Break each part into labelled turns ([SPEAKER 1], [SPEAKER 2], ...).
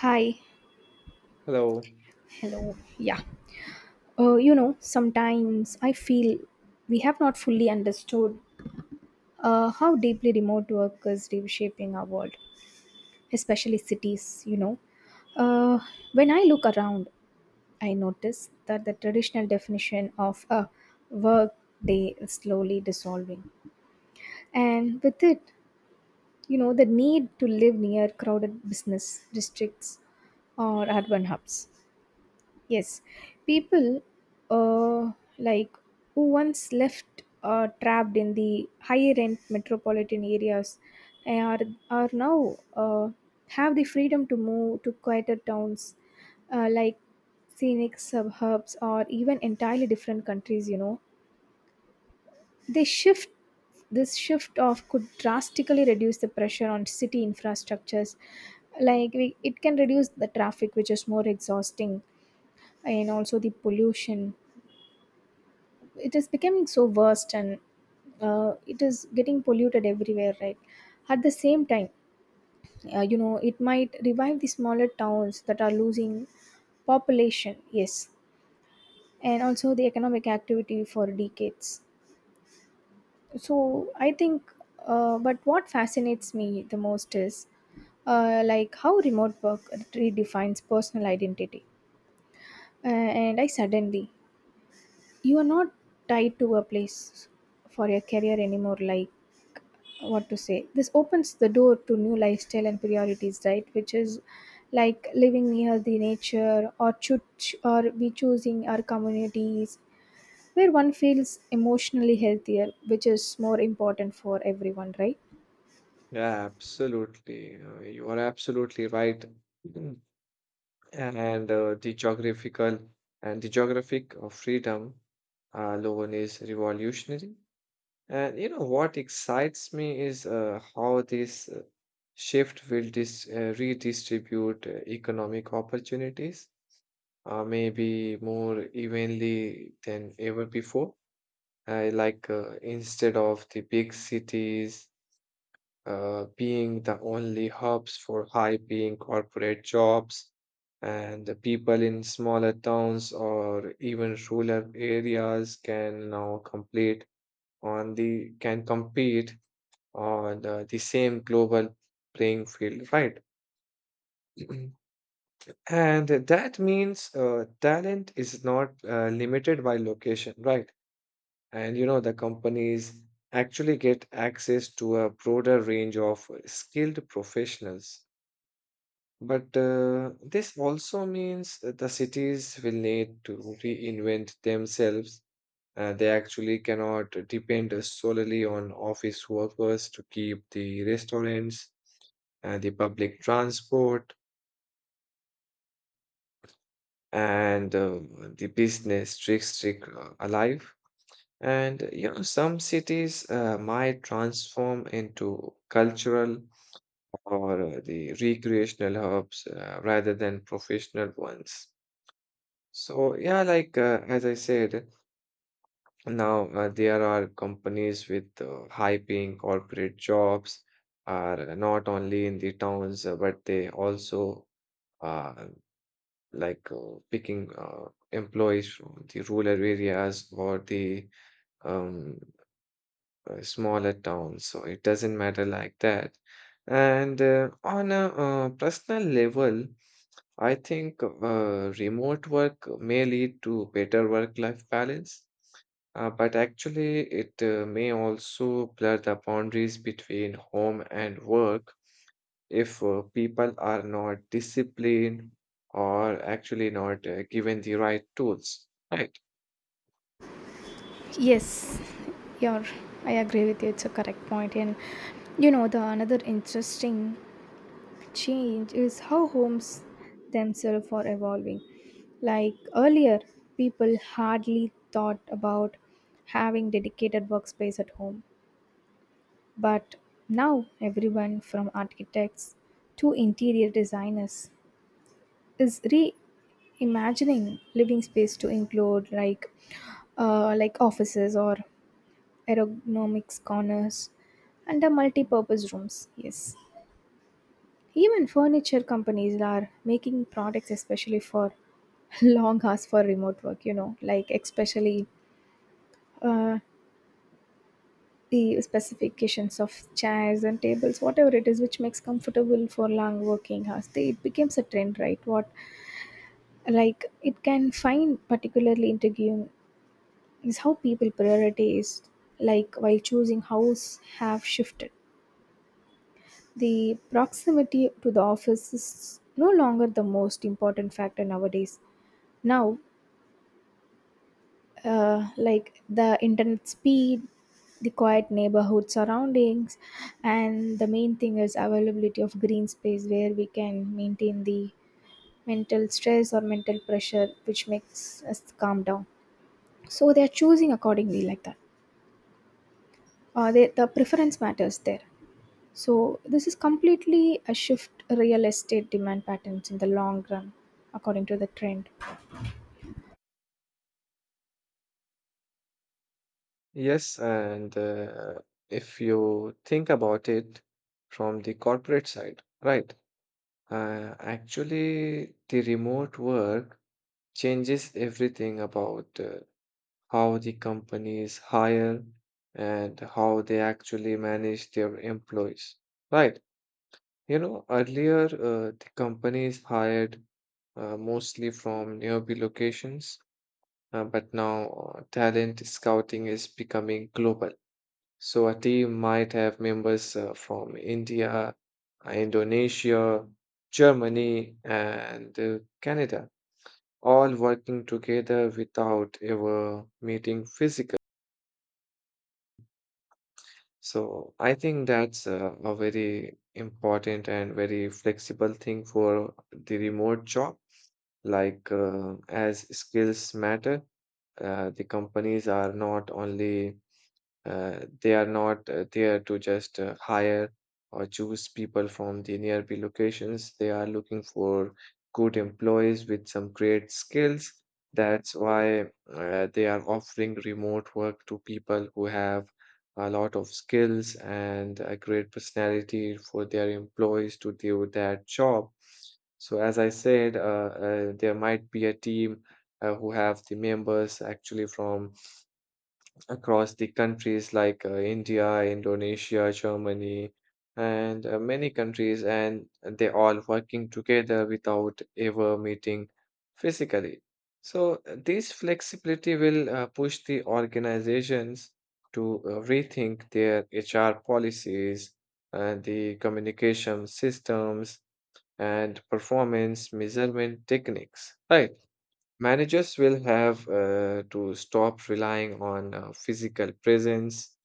[SPEAKER 1] Hi,
[SPEAKER 2] Hello.
[SPEAKER 1] hello. Yeah. You know, sometimes I feel we have not fully understood how deeply remote work is reshaping our world, especially cities, you know. Uh, when I look around, I notice that the traditional definition of a work day is slowly dissolving. And with it, you know, the need to live near crowded business districts or urban hubs. Yes, people uh, like who once left trapped in the higher end metropolitan areas eh, are are now have the freedom to move to quieter towns like scenic suburbs or even entirely different countries. You know, they shift this shift off could drastically reduce the pressure on city infrastructures like we, it can reduce the traffic which is more exhausting, and also the pollution. It is becoming so worst, and it is getting polluted everywhere, right? At the same time, you know, it might revive the smaller towns that are losing population, yes, and also the economic activity for decades. So I think, but what fascinates me the most is like how remote work redefines personal identity. And I suddenly, you are not tied to a place for your career anymore, like what to say, this opens the door to new lifestyle and priorities, right? Which is like living near the nature, or or we choosing our communities, where one feels emotionally healthier, which is more important for everyone, right?
[SPEAKER 2] Yeah, absolutely. You are absolutely right. Mm. And the geographic of freedom alone is revolutionary. And you know what excites me is how this shift will dis redistribute economic opportunities, maybe more evenly than ever before. Instead of the big cities being the only hubs for high paying corporate jobs. And the people in smaller towns or even rural areas can now complete on the can compete on the same global playing field, right? And that means talent is not limited by location, right? And you know, the companies actually get access to a broader range of skilled professionals. But this also means that the cities will need to reinvent themselves. They actually cannot depend solely on office workers to keep the restaurants, the public transport, and the business district alive. And you know, some cities might transform into cultural or the recreational hubs rather than professional ones. So yeah, as I said, now there are companies with high-paying corporate jobs are not only in the towns, but they also uh, picking employees from the rural areas or the um, smaller towns. So it doesn't matter like that. And on a personal level, I think remote work may lead to better work-life balance, but actually it may also blur the boundaries between home and work if people are not disciplined or actually not given the right tools, right?
[SPEAKER 1] Yes. You're, I agree with you, it's a correct point. And you know, the another interesting change is how homes themselves are evolving. Like earlier, people hardly thought about having dedicated workspace at home. But now, everyone from architects to interior designers is reimagining living space to include like offices or ergonomics corners and the multi-purpose rooms. Yes. Even furniture companies are making products especially for long hours for remote work, you know, like especially, uh, the specifications of chairs and tables, whatever it is, which makes comfortable for long working hours. They, it becomes a trend, right? What like it can find particularly intriguing is how people priorities, like while choosing house, have shifted. The proximity to the office is no longer the most important factor nowadays. Now, like the internet speed, the quiet neighborhood surroundings, and the main thing is availability of green space where we can maintain the mental stress or mental pressure, which makes us calm down. So they are choosing accordingly like that. They, the preference matters there. So this is completely a shift real estate demand patterns in the long run, according to the trend.
[SPEAKER 2] Yes, and if you think about it from the corporate side, right? Actually, the remote work changes everything about how the companies hire and how they actually manage their employees. Right. You know, earlier, the companies hired mostly from nearby locations, but now talent scouting is becoming global. So a team might have members from India, Indonesia, Germany, and Canada, all working together without ever meeting physically. So I think that's a very important and very flexible thing for the remote job. As skills matter, the companies are not only they are not there to just hire or choose people from the nearby locations. They are looking for good employees with some great skills. That's why they are offering remote work to people who have a lot of skills and a great personality for their employees to do that job. So as I said, there might be a team who have the members actually from across the countries India, Indonesia, Germany, and many countries, and they all working together without ever meeting physically. So, this flexibility will push the organizations to rethink their HR policies, the communication systems, and performance measurement techniques, right? Managers will have to stop relying on physical presence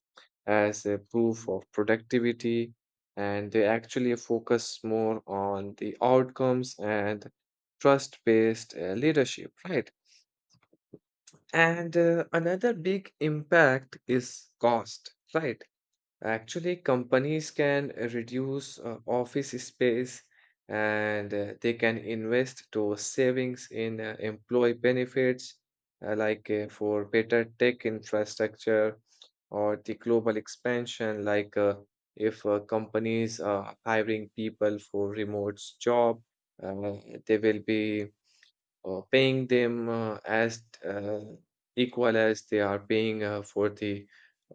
[SPEAKER 2] as a proof of productivity, and they actually focus more on the outcomes and trust-based leadership, right? And another big impact is cost, right? Actually, companies can reduce office space and they can invest those savings in employee benefits, for better tech infrastructure or the global expansion, if companies are hiring people for remote job, uh, they will be or paying them as equal as they are paying for the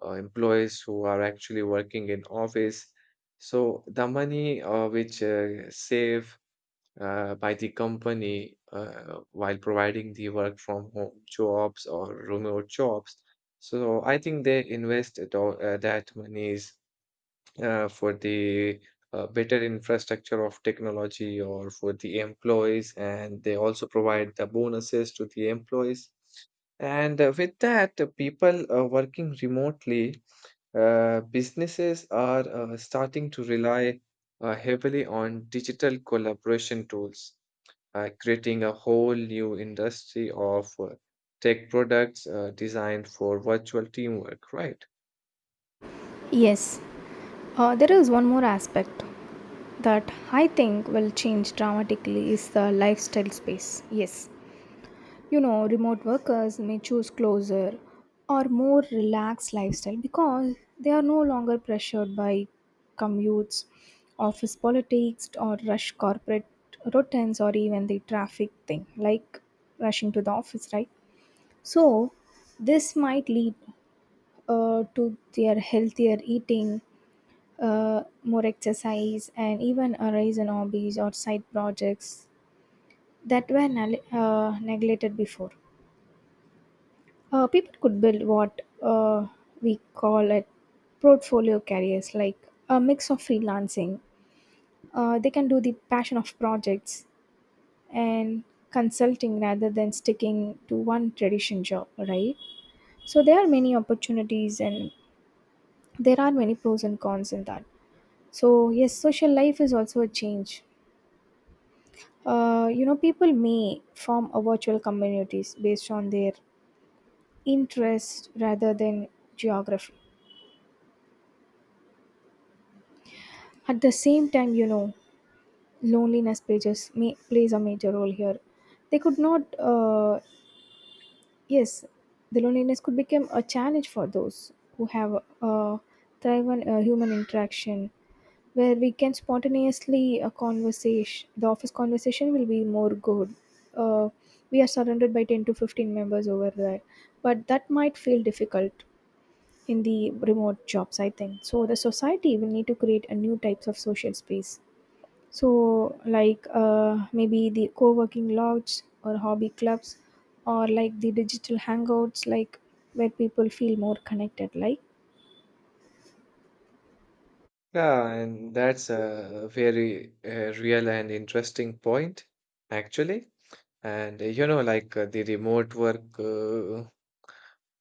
[SPEAKER 2] employees who are actually working in office. So the money which save by the company while providing the work from home jobs or remote jobs. So I think they invest it all, that money for the better infrastructure of technology or for the employees, and they also provide the bonuses to the employees. And with that, people working remotely, businesses are starting to rely heavily on digital collaboration tools creating a whole new industry of tech products designed for virtual teamwork, right?
[SPEAKER 1] Yes, there is one more aspect that I think will change dramatically is the lifestyle space. Yes, you know, remote workers may choose closer or more relaxed lifestyle because they are no longer pressured by commutes, office politics, or rush corporate routines, or even the traffic thing like rushing to the office, right? So, this might lead to their healthier eating, more exercise, and even a rise in hobbies or side projects that were neglected before. People could build what we call it portfolio careers, like a mix of freelancing. They can do the passion of projects and consulting rather than sticking to one tradition job, right? So there are many opportunities and there are many pros and cons in that. So yes, social life is also a change. You know, people may form a virtual communities based on their interest rather than geography. At the same time, you know, loneliness pages may plays a major role here. They could not yes, the loneliness could become a challenge for those who have uh, thrive on human interaction, where we can spontaneously a conversation, the office conversation will be more good. uh, we are surrounded by 10 to 15 members over there, but that might feel difficult in the remote jobs, I think. So the society will need to create a new types of social space. So like maybe the co-working lodges or hobby clubs, or like the digital hangouts, like where people feel more connected, like,
[SPEAKER 2] Yeah, and that's a very real and interesting point, actually. And you know, the remote work uh,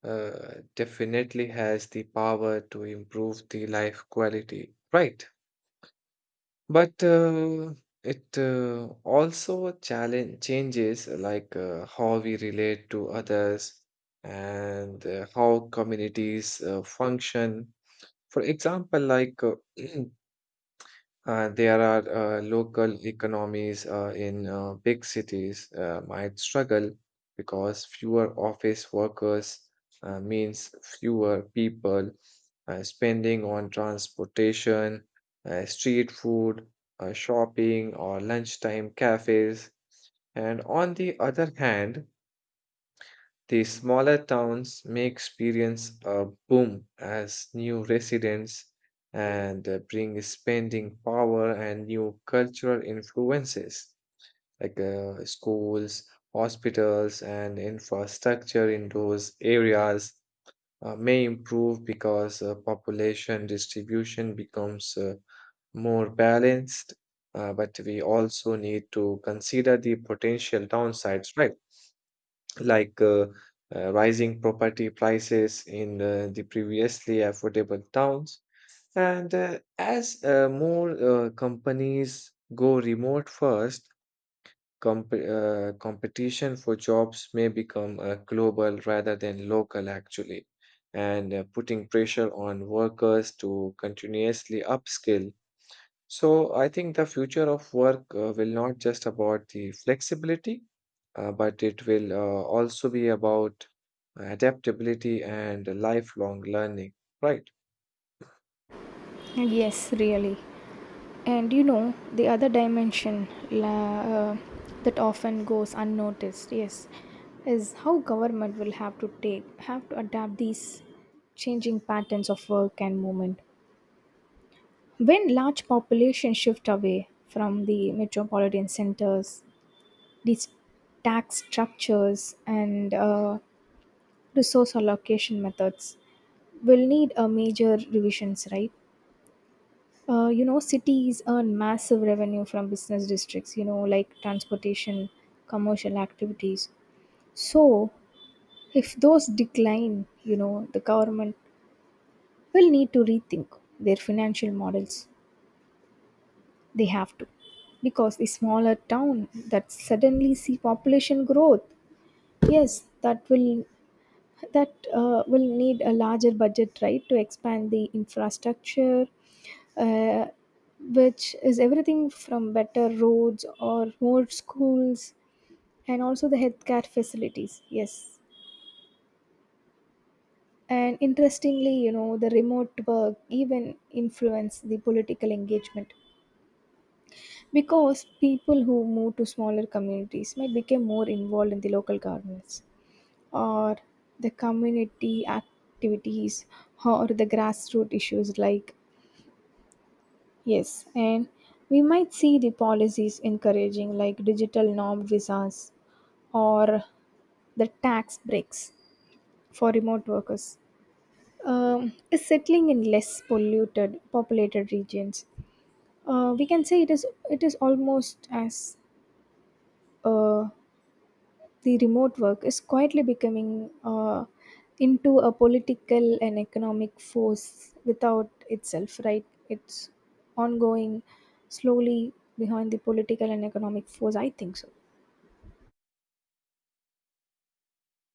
[SPEAKER 2] uh, definitely has the power to improve the life quality, right? But it also challenge changes how we relate to others and how communities function. For example, There are local economies in big cities might struggle because fewer office workers means fewer people spending on transportation, street food, shopping, or lunchtime cafes. And on the other hand, the smaller towns may experience a boom as new residents and bring spending power and new cultural influences schools, hospitals, and infrastructure in those areas may improve because population distribution becomes more balanced. But we also need to consider the potential downsides, right? like uh, Rising property prices in the previously affordable towns. And as more companies go remote first, competition for jobs may become global rather than local, actually, and putting pressure on workers to continuously upskill. So I think the future of work will not just about the flexibility, but it will also be about adaptability and lifelong learning, right?
[SPEAKER 1] yes, really. And you know, the other dimension la, that often goes unnoticed, yes, is how government will have to take have to adapt these changing patterns of work and movement. When large populations shift away from the metropolitan centers, these tax structures and resource allocation methods will need a major revisions, right? You know, cities earn massive revenue from business districts, you know, like transportation, commercial activities. So if those decline, you know, the government will need to rethink their financial models. They have to, because the smaller town that suddenly see population growth, yes, that will, that will need a larger budget, right, to expand the infrastructure, uh, which is everything from better roads or more schools and also the healthcare facilities, yes. And interestingly, you know, the remote work even influence the political engagement, because people who move to smaller communities might become more involved in the local governments, or the community activities, or the grassroots issues, like, yes. And we might see the policies encouraging like digital norm visas, or the tax breaks for remote workers is settling in less polluted populated regions. We can say it is, almost as, uh, the remote work is quietly becoming into a political and economic force without itself, right? It's ongoing slowly behind the political and economic force, I think so.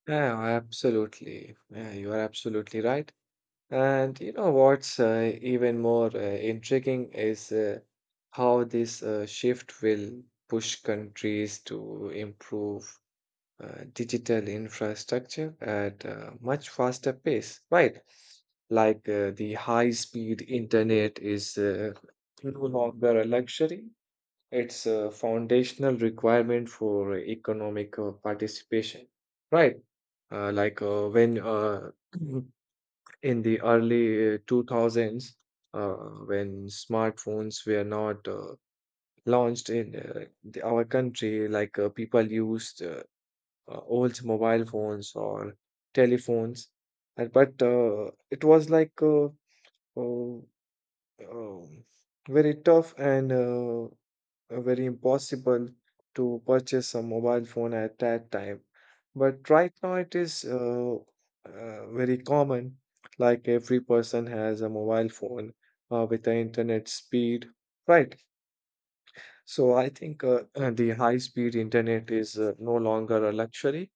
[SPEAKER 2] Yeah, absolutely. Yeah, you are absolutely right. And you know what's even more intriguing is how this shift will push countries to improve digital infrastructure at a much faster pace, right? The high speed internet is no longer a luxury, it's a foundational requirement for economic participation, right? Like when In the early 2000s, uh, when smartphones were not launched in our country, people used old mobile phones or telephones. But it was uh, um, very tough and very impossible to purchase a mobile phone at that time. But right now it is very common. Like every person has a mobile phone with the internet speed, right? So I think the high speed internet is no longer a luxury,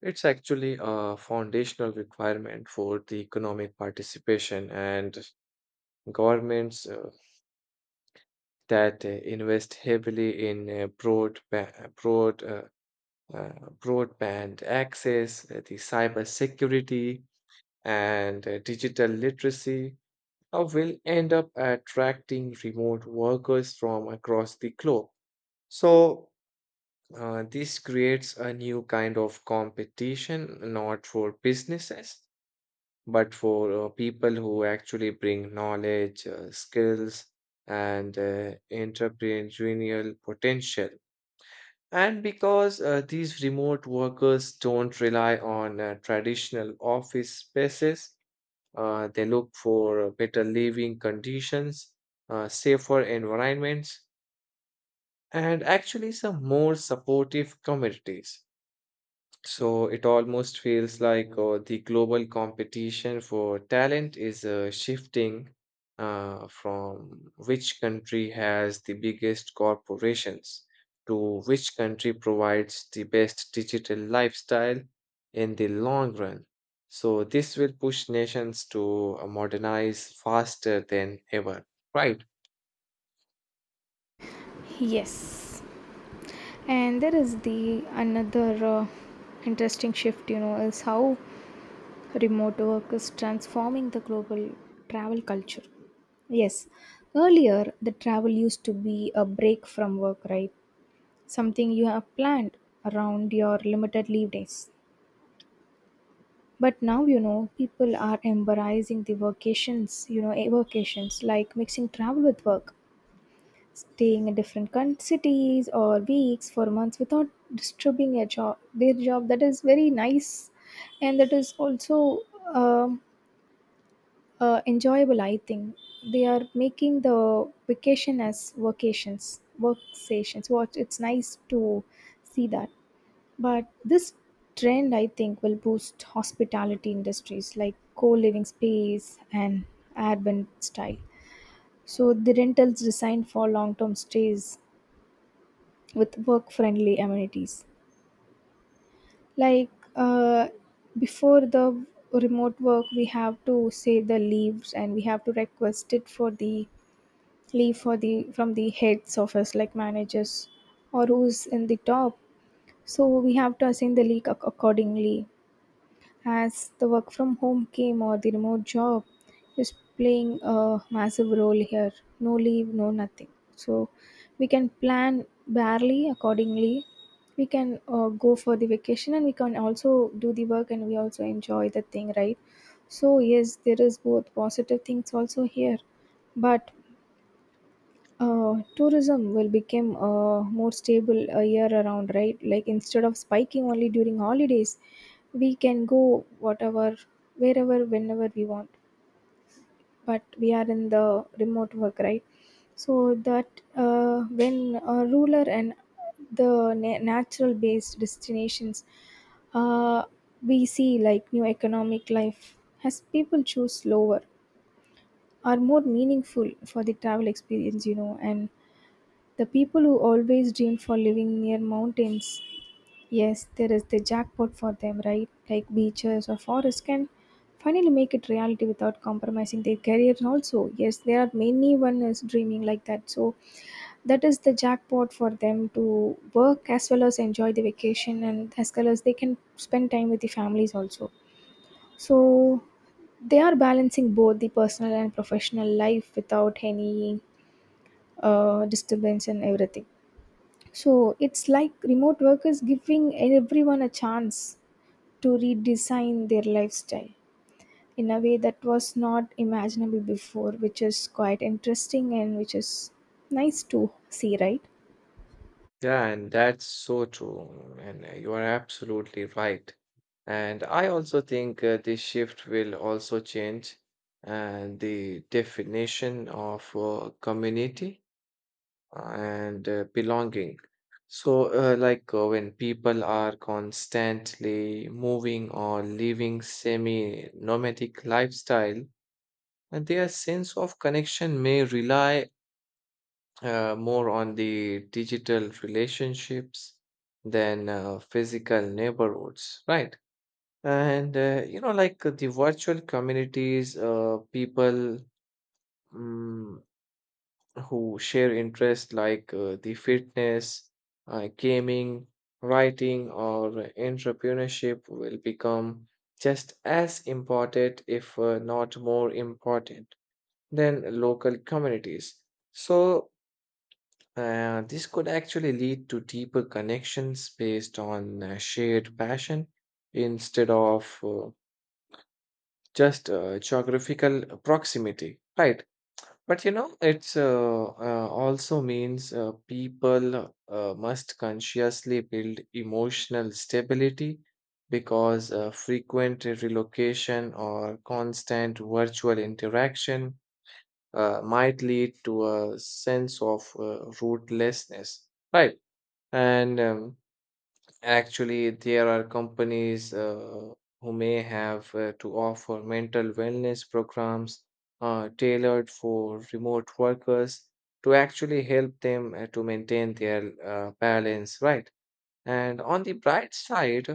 [SPEAKER 2] it's actually a foundational requirement for the economic participation and governments that invest heavily in uh, broadband access, the cyber security, and digital literacy will end up attracting remote workers from across the globe. So, this creates a new kind of competition, not for businesses, but for people who actually bring knowledge, skills, and entrepreneurial potential, and because these remote workers don't rely on traditional office spaces, they look for better living conditions, safer environments, and actually some more supportive communities. So it almost feels like the global competition for talent is shifting from which country has the biggest corporations to which country provides the best digital lifestyle in the long run. So this will push nations to modernize faster than ever, right?
[SPEAKER 1] Yes, and there is the another interesting shift, you know, is how remote work is transforming the global travel culture. Yes, earlier, the travel used to be a break from work, right? Something you have planned around your limited leave days. But now, you know, people are embracing the vacations, you know, vacations like mixing travel with work, staying in different cities or weeks for months without disturbing your job, their job. That is very nice, and that is also um enjoyable. I think they are making the vacation as vacations, work stations. What it's nice to see that. But this trend, I think, will boost hospitality industries like co-living space and urban style. So the rentals designed for long-term stays with work-friendly amenities. Like uh, before the remote work, we have to say the leaves, and we have to request it for the leave for the from the heads office, like managers or who's in the top. So we have to assign the leave accordingly. As the work from home came, or the remote job is playing a massive role here, no leave, no nothing. So we can plan barely accordingly. We can go for the vacation, and we can also do the work, and we also enjoy the thing, right? So yes, there is both positive things also here. But tourism will become more stable year around, right? Like instead of spiking only during holidays, we can go whatever, wherever, whenever we want. But we are in the remote work, right? So that when ruler and the natural based destinations, uh, we see like new economic life, as people choose slower are more meaningful for the travel experience, you know. And the people who always dream for living near mountains, yes, there is the jackpot for them, right? Like beaches or forests can finally make it reality without compromising their careers also. Yes, there are many one is dreaming like that. So that is the jackpot for them to work as well as enjoy the vacation, and as well as they can spend time with the families also. So they are balancing both the personal and professional life without any disturbance and everything. So it's like remote work is giving everyone a chance to redesign their lifestyle in a way that was not imaginable before, which is quite interesting and which is nice to see, right?
[SPEAKER 2] Yeah, and that's so true. And you are absolutely right. And I also think this shift will also change the definition of community and belonging. So, when people are constantly moving or living semi-nomadic lifestyle, and their sense of connection may rely more on the digital relationships than physical neighborhoods, right? And you know, the virtual communities, people mm, who share interests the fitness, gaming, writing, or entrepreneurship will become just as important, if not more important, than local communities. So, this could actually lead to deeper connections based on shared passion instead of just geographical proximity, right? But you know, it's also means people must consciously build emotional stability because frequent relocation or constant virtual interaction might lead to a sense of rootlessness, right? And Actually, there are companies who may have to offer mental wellness programs tailored for remote workers to actually help them to maintain their balance, right? And on the bright side,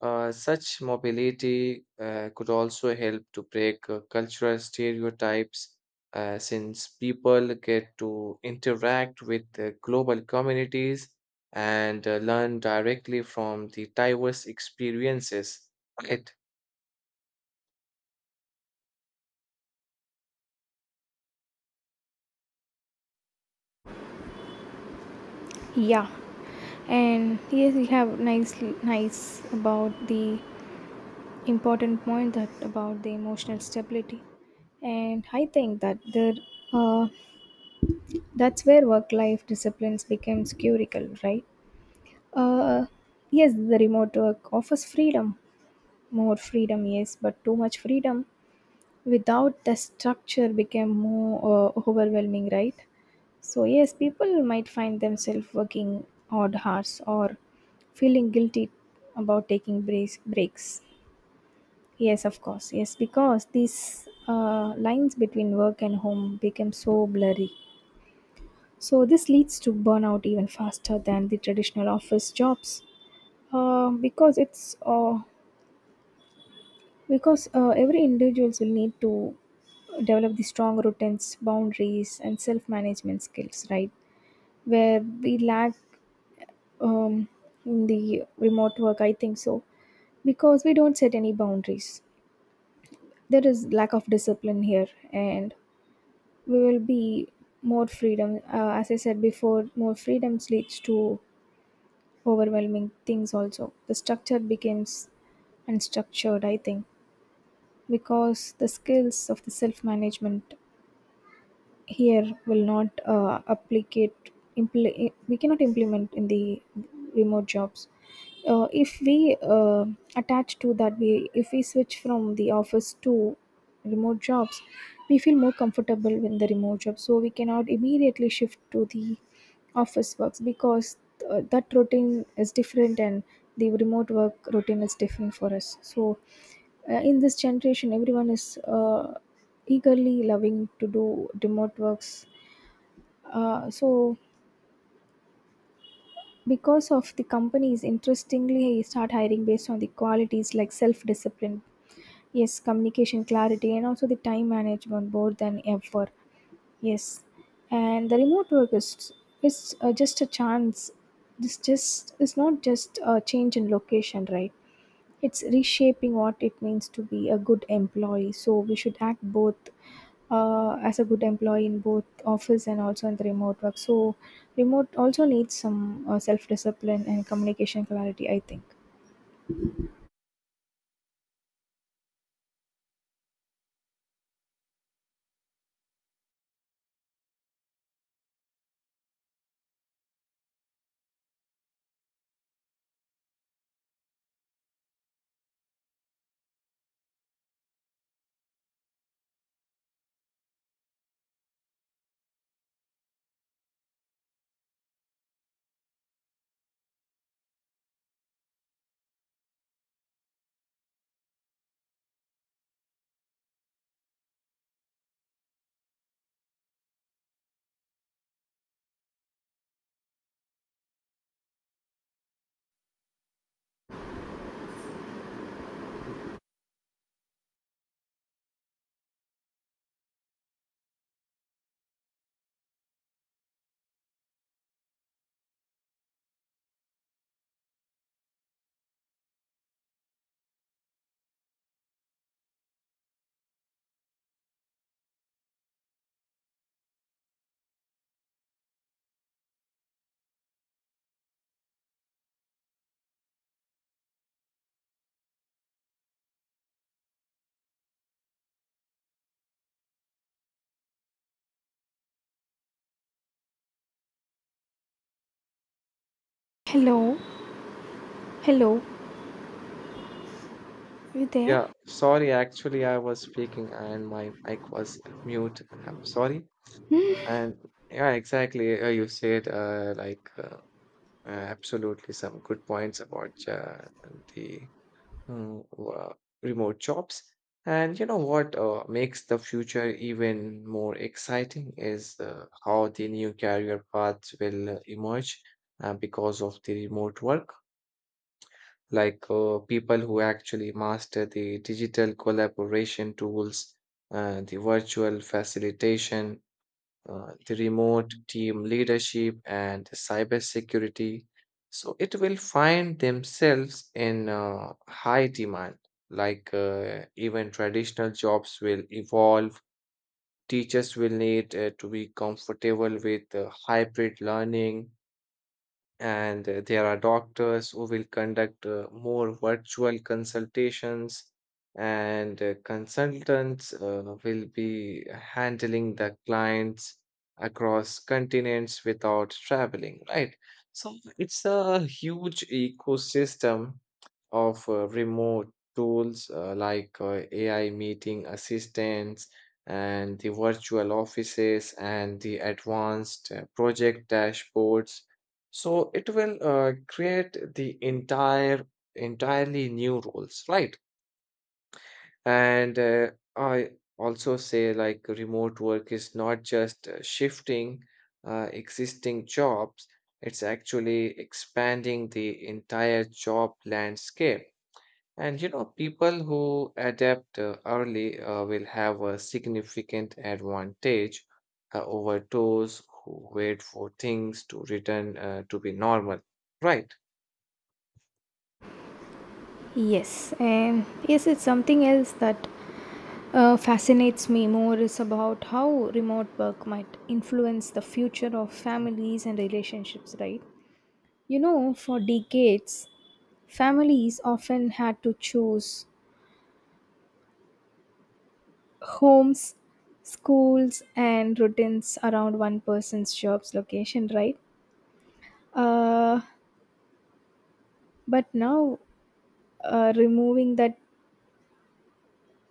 [SPEAKER 2] such mobility could also help to break cultural stereotypes since people get to interact with the global communities and learn directly from the diverse experiences. Right.
[SPEAKER 1] Yeah. And here we have nicely nice about the important point that about the emotional stability. And I think that there, uh, that's where work life disciplines becomes curical, right? Uh, yes, the remote work offers freedom, more freedom, yes, but too much freedom without the structure became more overwhelming, right? So yes, people might find themselves working odd hours or feeling guilty about taking breaks. Yes, of course, yes, because these lines between work and home become so blurry. So this leads to burnout even faster than the traditional office jobs because it's because every individuals will need to develop the strong routines boundaries and self-management skills, right? Where we lack um, in the remote work, I think so, because we don't set any boundaries. There is lack of discipline here and we will be more freedom, as I said before, more freedoms leads to overwhelming things. Also the structure becomes unstructured, I think, because the skills of the self management here will not applicate. We cannot implement in the remote jobs. If we attach to that, we, if we switch from the office to remote jobs, we feel more comfortable in the remote job, so we cannot immediately shift to the office works because that routine is different and the remote work routine is different for us. So in this generation everyone is eagerly loving to do remote works. So because of the companies interestingly start hiring based on the qualities like self discipline, yes, communication clarity and also the time management more than ever. Yes, and the remote work is is just a chance. This just is not just a change in location, right? It's reshaping what it means to be a good employee. So we should act both as a good employee in both office and also in the remote work. So remote also needs some self discipline and communication clarity, I think. Hello, hello, you there?
[SPEAKER 2] Yeah, sorry, actually, I was speaking and my mic was mute. I'm sorry. And yeah, exactly. You said like Absolutely, some good points about the mm, wo- remote jobs. And you know what makes the future even more exciting is how the new career paths will emerge because of the remote work. People who actually master the digital collaboration tools, the virtual facilitation, the remote team leadership and cybersecurity. So it will find themselves in high demand. Even traditional jobs will evolve. Teachers will need to be comfortable with hybrid learning and there are doctors who will conduct more virtual consultations, and consultants will be handling the clients across continents without traveling, right? So it's a huge ecosystem of remote tools like AI meeting assistants and the virtual offices and the advanced project dashboards. So it will create the entirely new roles, right? And I also say, like, remote work is not just shifting existing jobs, it's actually expanding the entire job landscape, and you know, people who adapt early will have a significant advantage over those who wait for things to return to be normal. Right.
[SPEAKER 1] Yes, and yes, it's something else that fascinates me more is about how remote work might influence the future of families and relationships, right? You know, for decades, families often had to choose homes, schools, and routines around one person's job's location, right? Uh, but now, removing that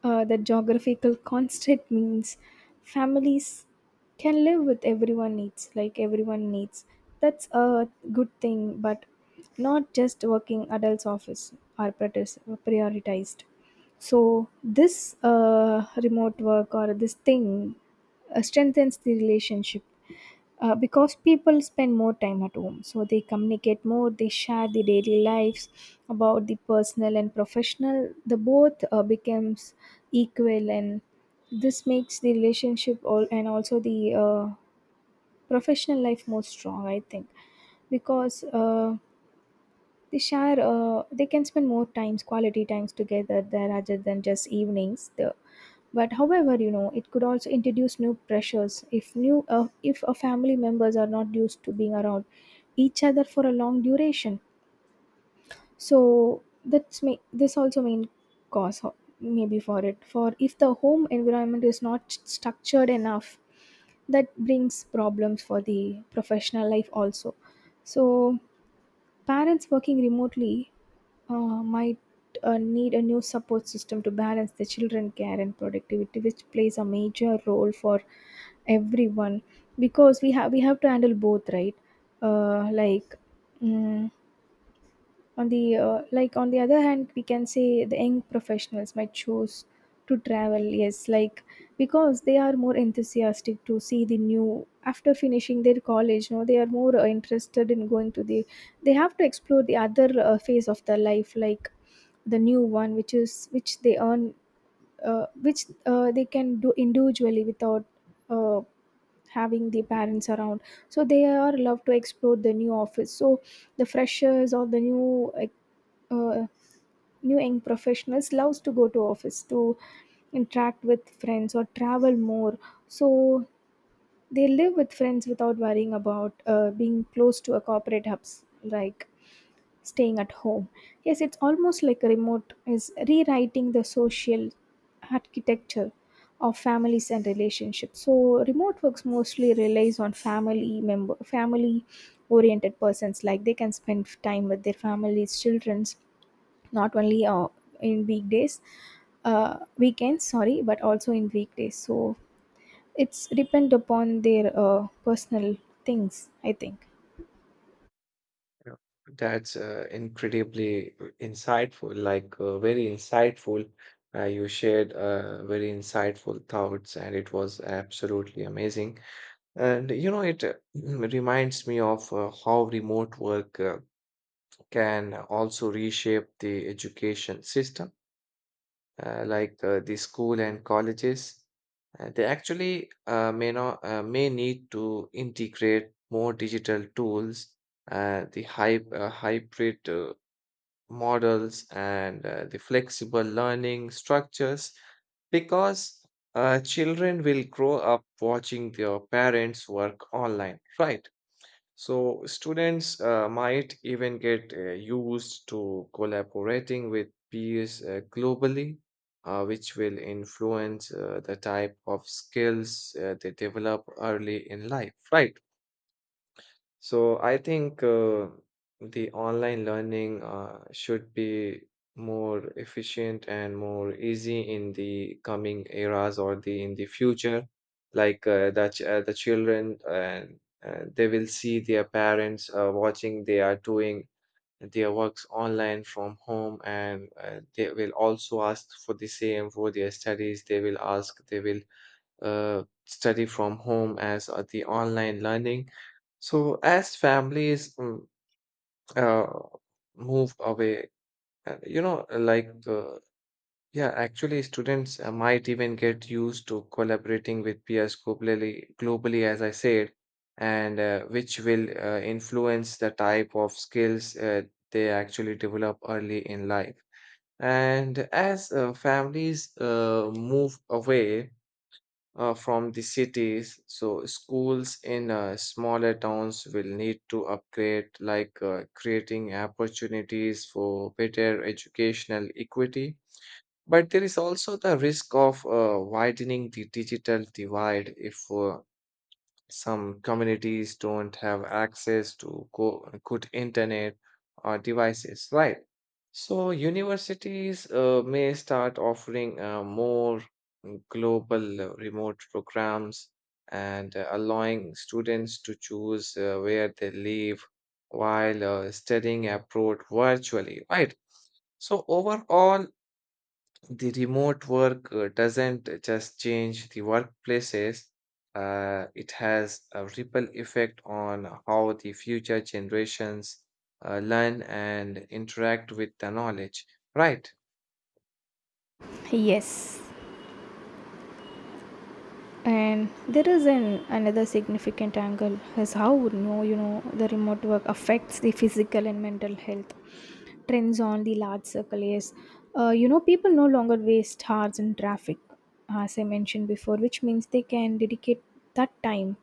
[SPEAKER 1] the geographical constant means families can live with everyone needs, like everyone needs, that's a good thing, but not just working adults office are prioritized. So this remote work or this thing strengthens the relationship because people spend more time at home, so they communicate more, they share the daily lives about the personal and professional, the both becomes equal, and this makes the relationship all and also the professional life more strong, I think, because they share. They can spend more times, quality times together there rather than just evenings. The, but however, you know, it could also introduce new pressures if new, if a family members are not used to being around each other for a long duration. So that's may this also main cause maybe for it. For if the home environment is not structured enough, that brings problems for the professional life also. So parents working remotely might need a new support system to balance the children care and productivity, which plays a major role for everyone, because we have to handle both, right? Like mm on the, like on the other hand, we can say the young professionals might choose to travel, yes, like because they are more enthusiastic to see the new after finishing their college. No, they are more interested in going to the, they have to explore the other phase of their life, like the new one which is, which they earn, which they can do individually without uh, having the parents around. So they are love to explore the new office. So the freshers or the new uh, new young professionals loves to go to office to interact with friends or travel more. So they live with friends without worrying about being close to a corporate hubs like staying at home. Yes, it's almost like a remote is rewriting the social architecture of families and relationships. So remote works mostly relies on family member, family oriented persons, like they can spend time with their families, children's, not only in weekdays, weekends, sorry, but also in weekdays. So it's depend upon their personal things, I think.
[SPEAKER 2] Yeah. That's incredibly insightful, like very insightful. You shared very insightful thoughts, and it was absolutely amazing. And you know, it reminds me of how remote work can also reshape the education system, like the school and colleges. They actually may not may need to integrate more digital tools, hybrid models, and the flexible learning structures, because children will grow up watching their parents work online, right? So students might even get used to collaborating with peers globally, which will influence the type of skills they develop early in life, right? So I think the online learning should be more efficient and more easy in the coming eras or the in the future. The children and they will see their parents watching they are doing their works online from home, and they will also ask for the same for their studies. They will ask, they will study from home as the online learning. So as families uh, move away, uh, you know, uh, like uh, yeah, actually students might even get used to collaborating with peers globally, globally, as I said, and which will influence the type of skills they actually develop early in life. And as families move away, from the cities. So schools in smaller towns will need to upgrade, like creating opportunities for better educational equity. But there is also the risk of widening the digital divide if some communities don't have access to good internet or devices, right? So universities may start offering more global remote programs, and allowing students to choose where they live while studying abroad virtually, right? So overall, the remote work doesn't just change the workplaces, it has a ripple effect on how the future generations learn and interact with the knowledge. Right.
[SPEAKER 1] Yes, and there is an another significant angle is how would know, you know, the remote work affects the physical and mental health trends on the large circle is, you know, people no longer waste hours in traffic, as I mentioned before, which means they can dedicate that time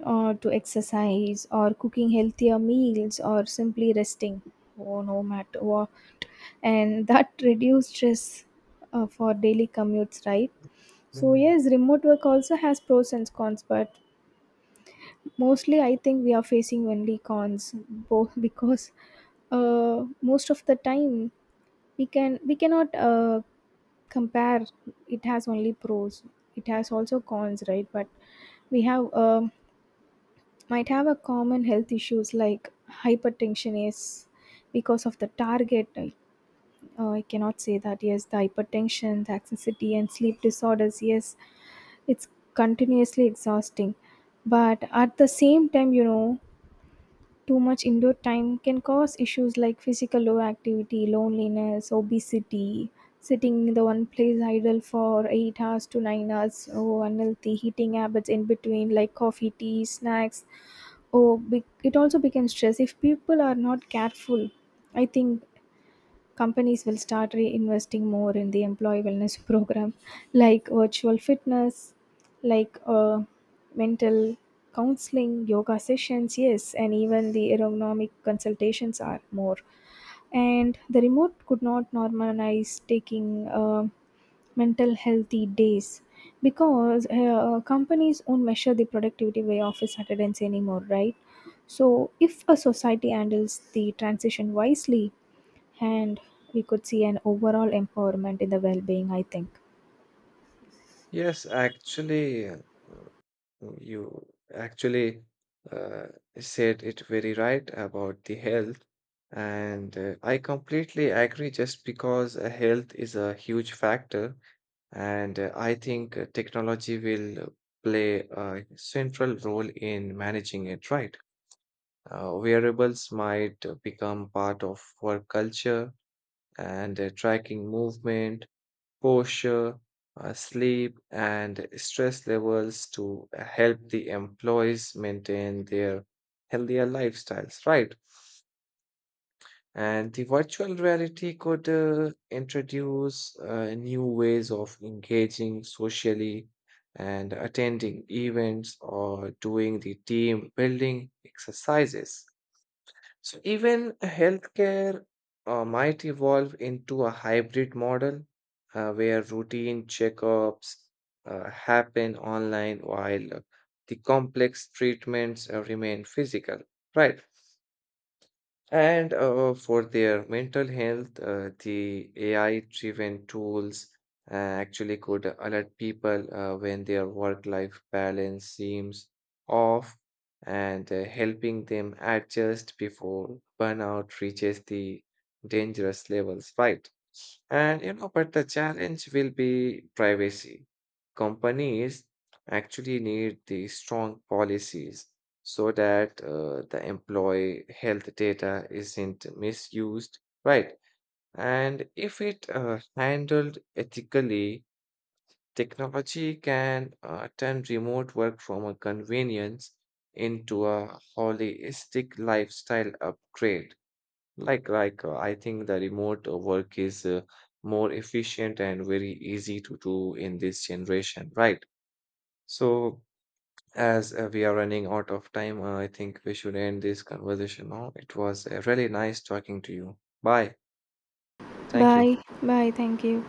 [SPEAKER 1] or to exercise or cooking healthier meals or simply resting, oh, no matter what, and that reduces stress for daily commutes, right? So
[SPEAKER 2] Mm.
[SPEAKER 1] yes, remote work also has pros and cons, but mostly I think we are facing only cons both, because most of the time we cannot compare. It has only pros, it has also cons, right? But we have, might have a common health issues like hypertension, yes, because of the target I cannot say that, yes, the hypertension, the anxiety and sleep disorders, yes, it's continuously exhausting. But at the same time, you know, too much indoor time can cause issues like physical low activity, loneliness, obesity, sitting in the one place idle for 8 hours to 9 hours, oh, unhealthy heating habits in between like coffee, tea, snacks. Oh, it also becomes stress if people are not careful. I think companies will start reinvesting more in the employee wellness program like virtual fitness, like mental counseling, yoga sessions, yes, and even the ergonomic consultations are more. And the remote could not normalize taking mental healthy days, because companies won't measure the productivity by office attendance anymore, right? So if a society handles the transition wisely, and we could see an overall empowerment in the well-being, I think.
[SPEAKER 2] Yes, actually, you actually uh, said it very right about the health, and I completely agree, just because health is a huge factor. And I think technology will play a central role in managing it, right? Wearables might become part of work culture, and tracking movement, posture, sleep, and stress levels to help the employees maintain their healthier lifestyles, right? And the virtual reality could introduce new ways of engaging socially and attending events or doing the team building exercises. So, even healthcare might evolve into a hybrid model where routine checkups happen online while the complex treatments remain physical, right? And for their mental health, the AI-driven tools actually could alert people when their work-life balance seems off, and helping them adjust before burnout reaches the dangerous levels, right? And you know, but the challenge will be privacy. Companies actually need the strong policies so that the employee health data isn't misused, right? And if it handled ethically, technology can turn remote work from a convenience into a holistic lifestyle upgrade. Like, I think the remote work is more efficient and very easy to do in this generation, right? So, as we are running out of time, I think we should end this conversation now. It was really nice talking to you. Bye. Thank you.
[SPEAKER 1] Bye. Bye. Thank you.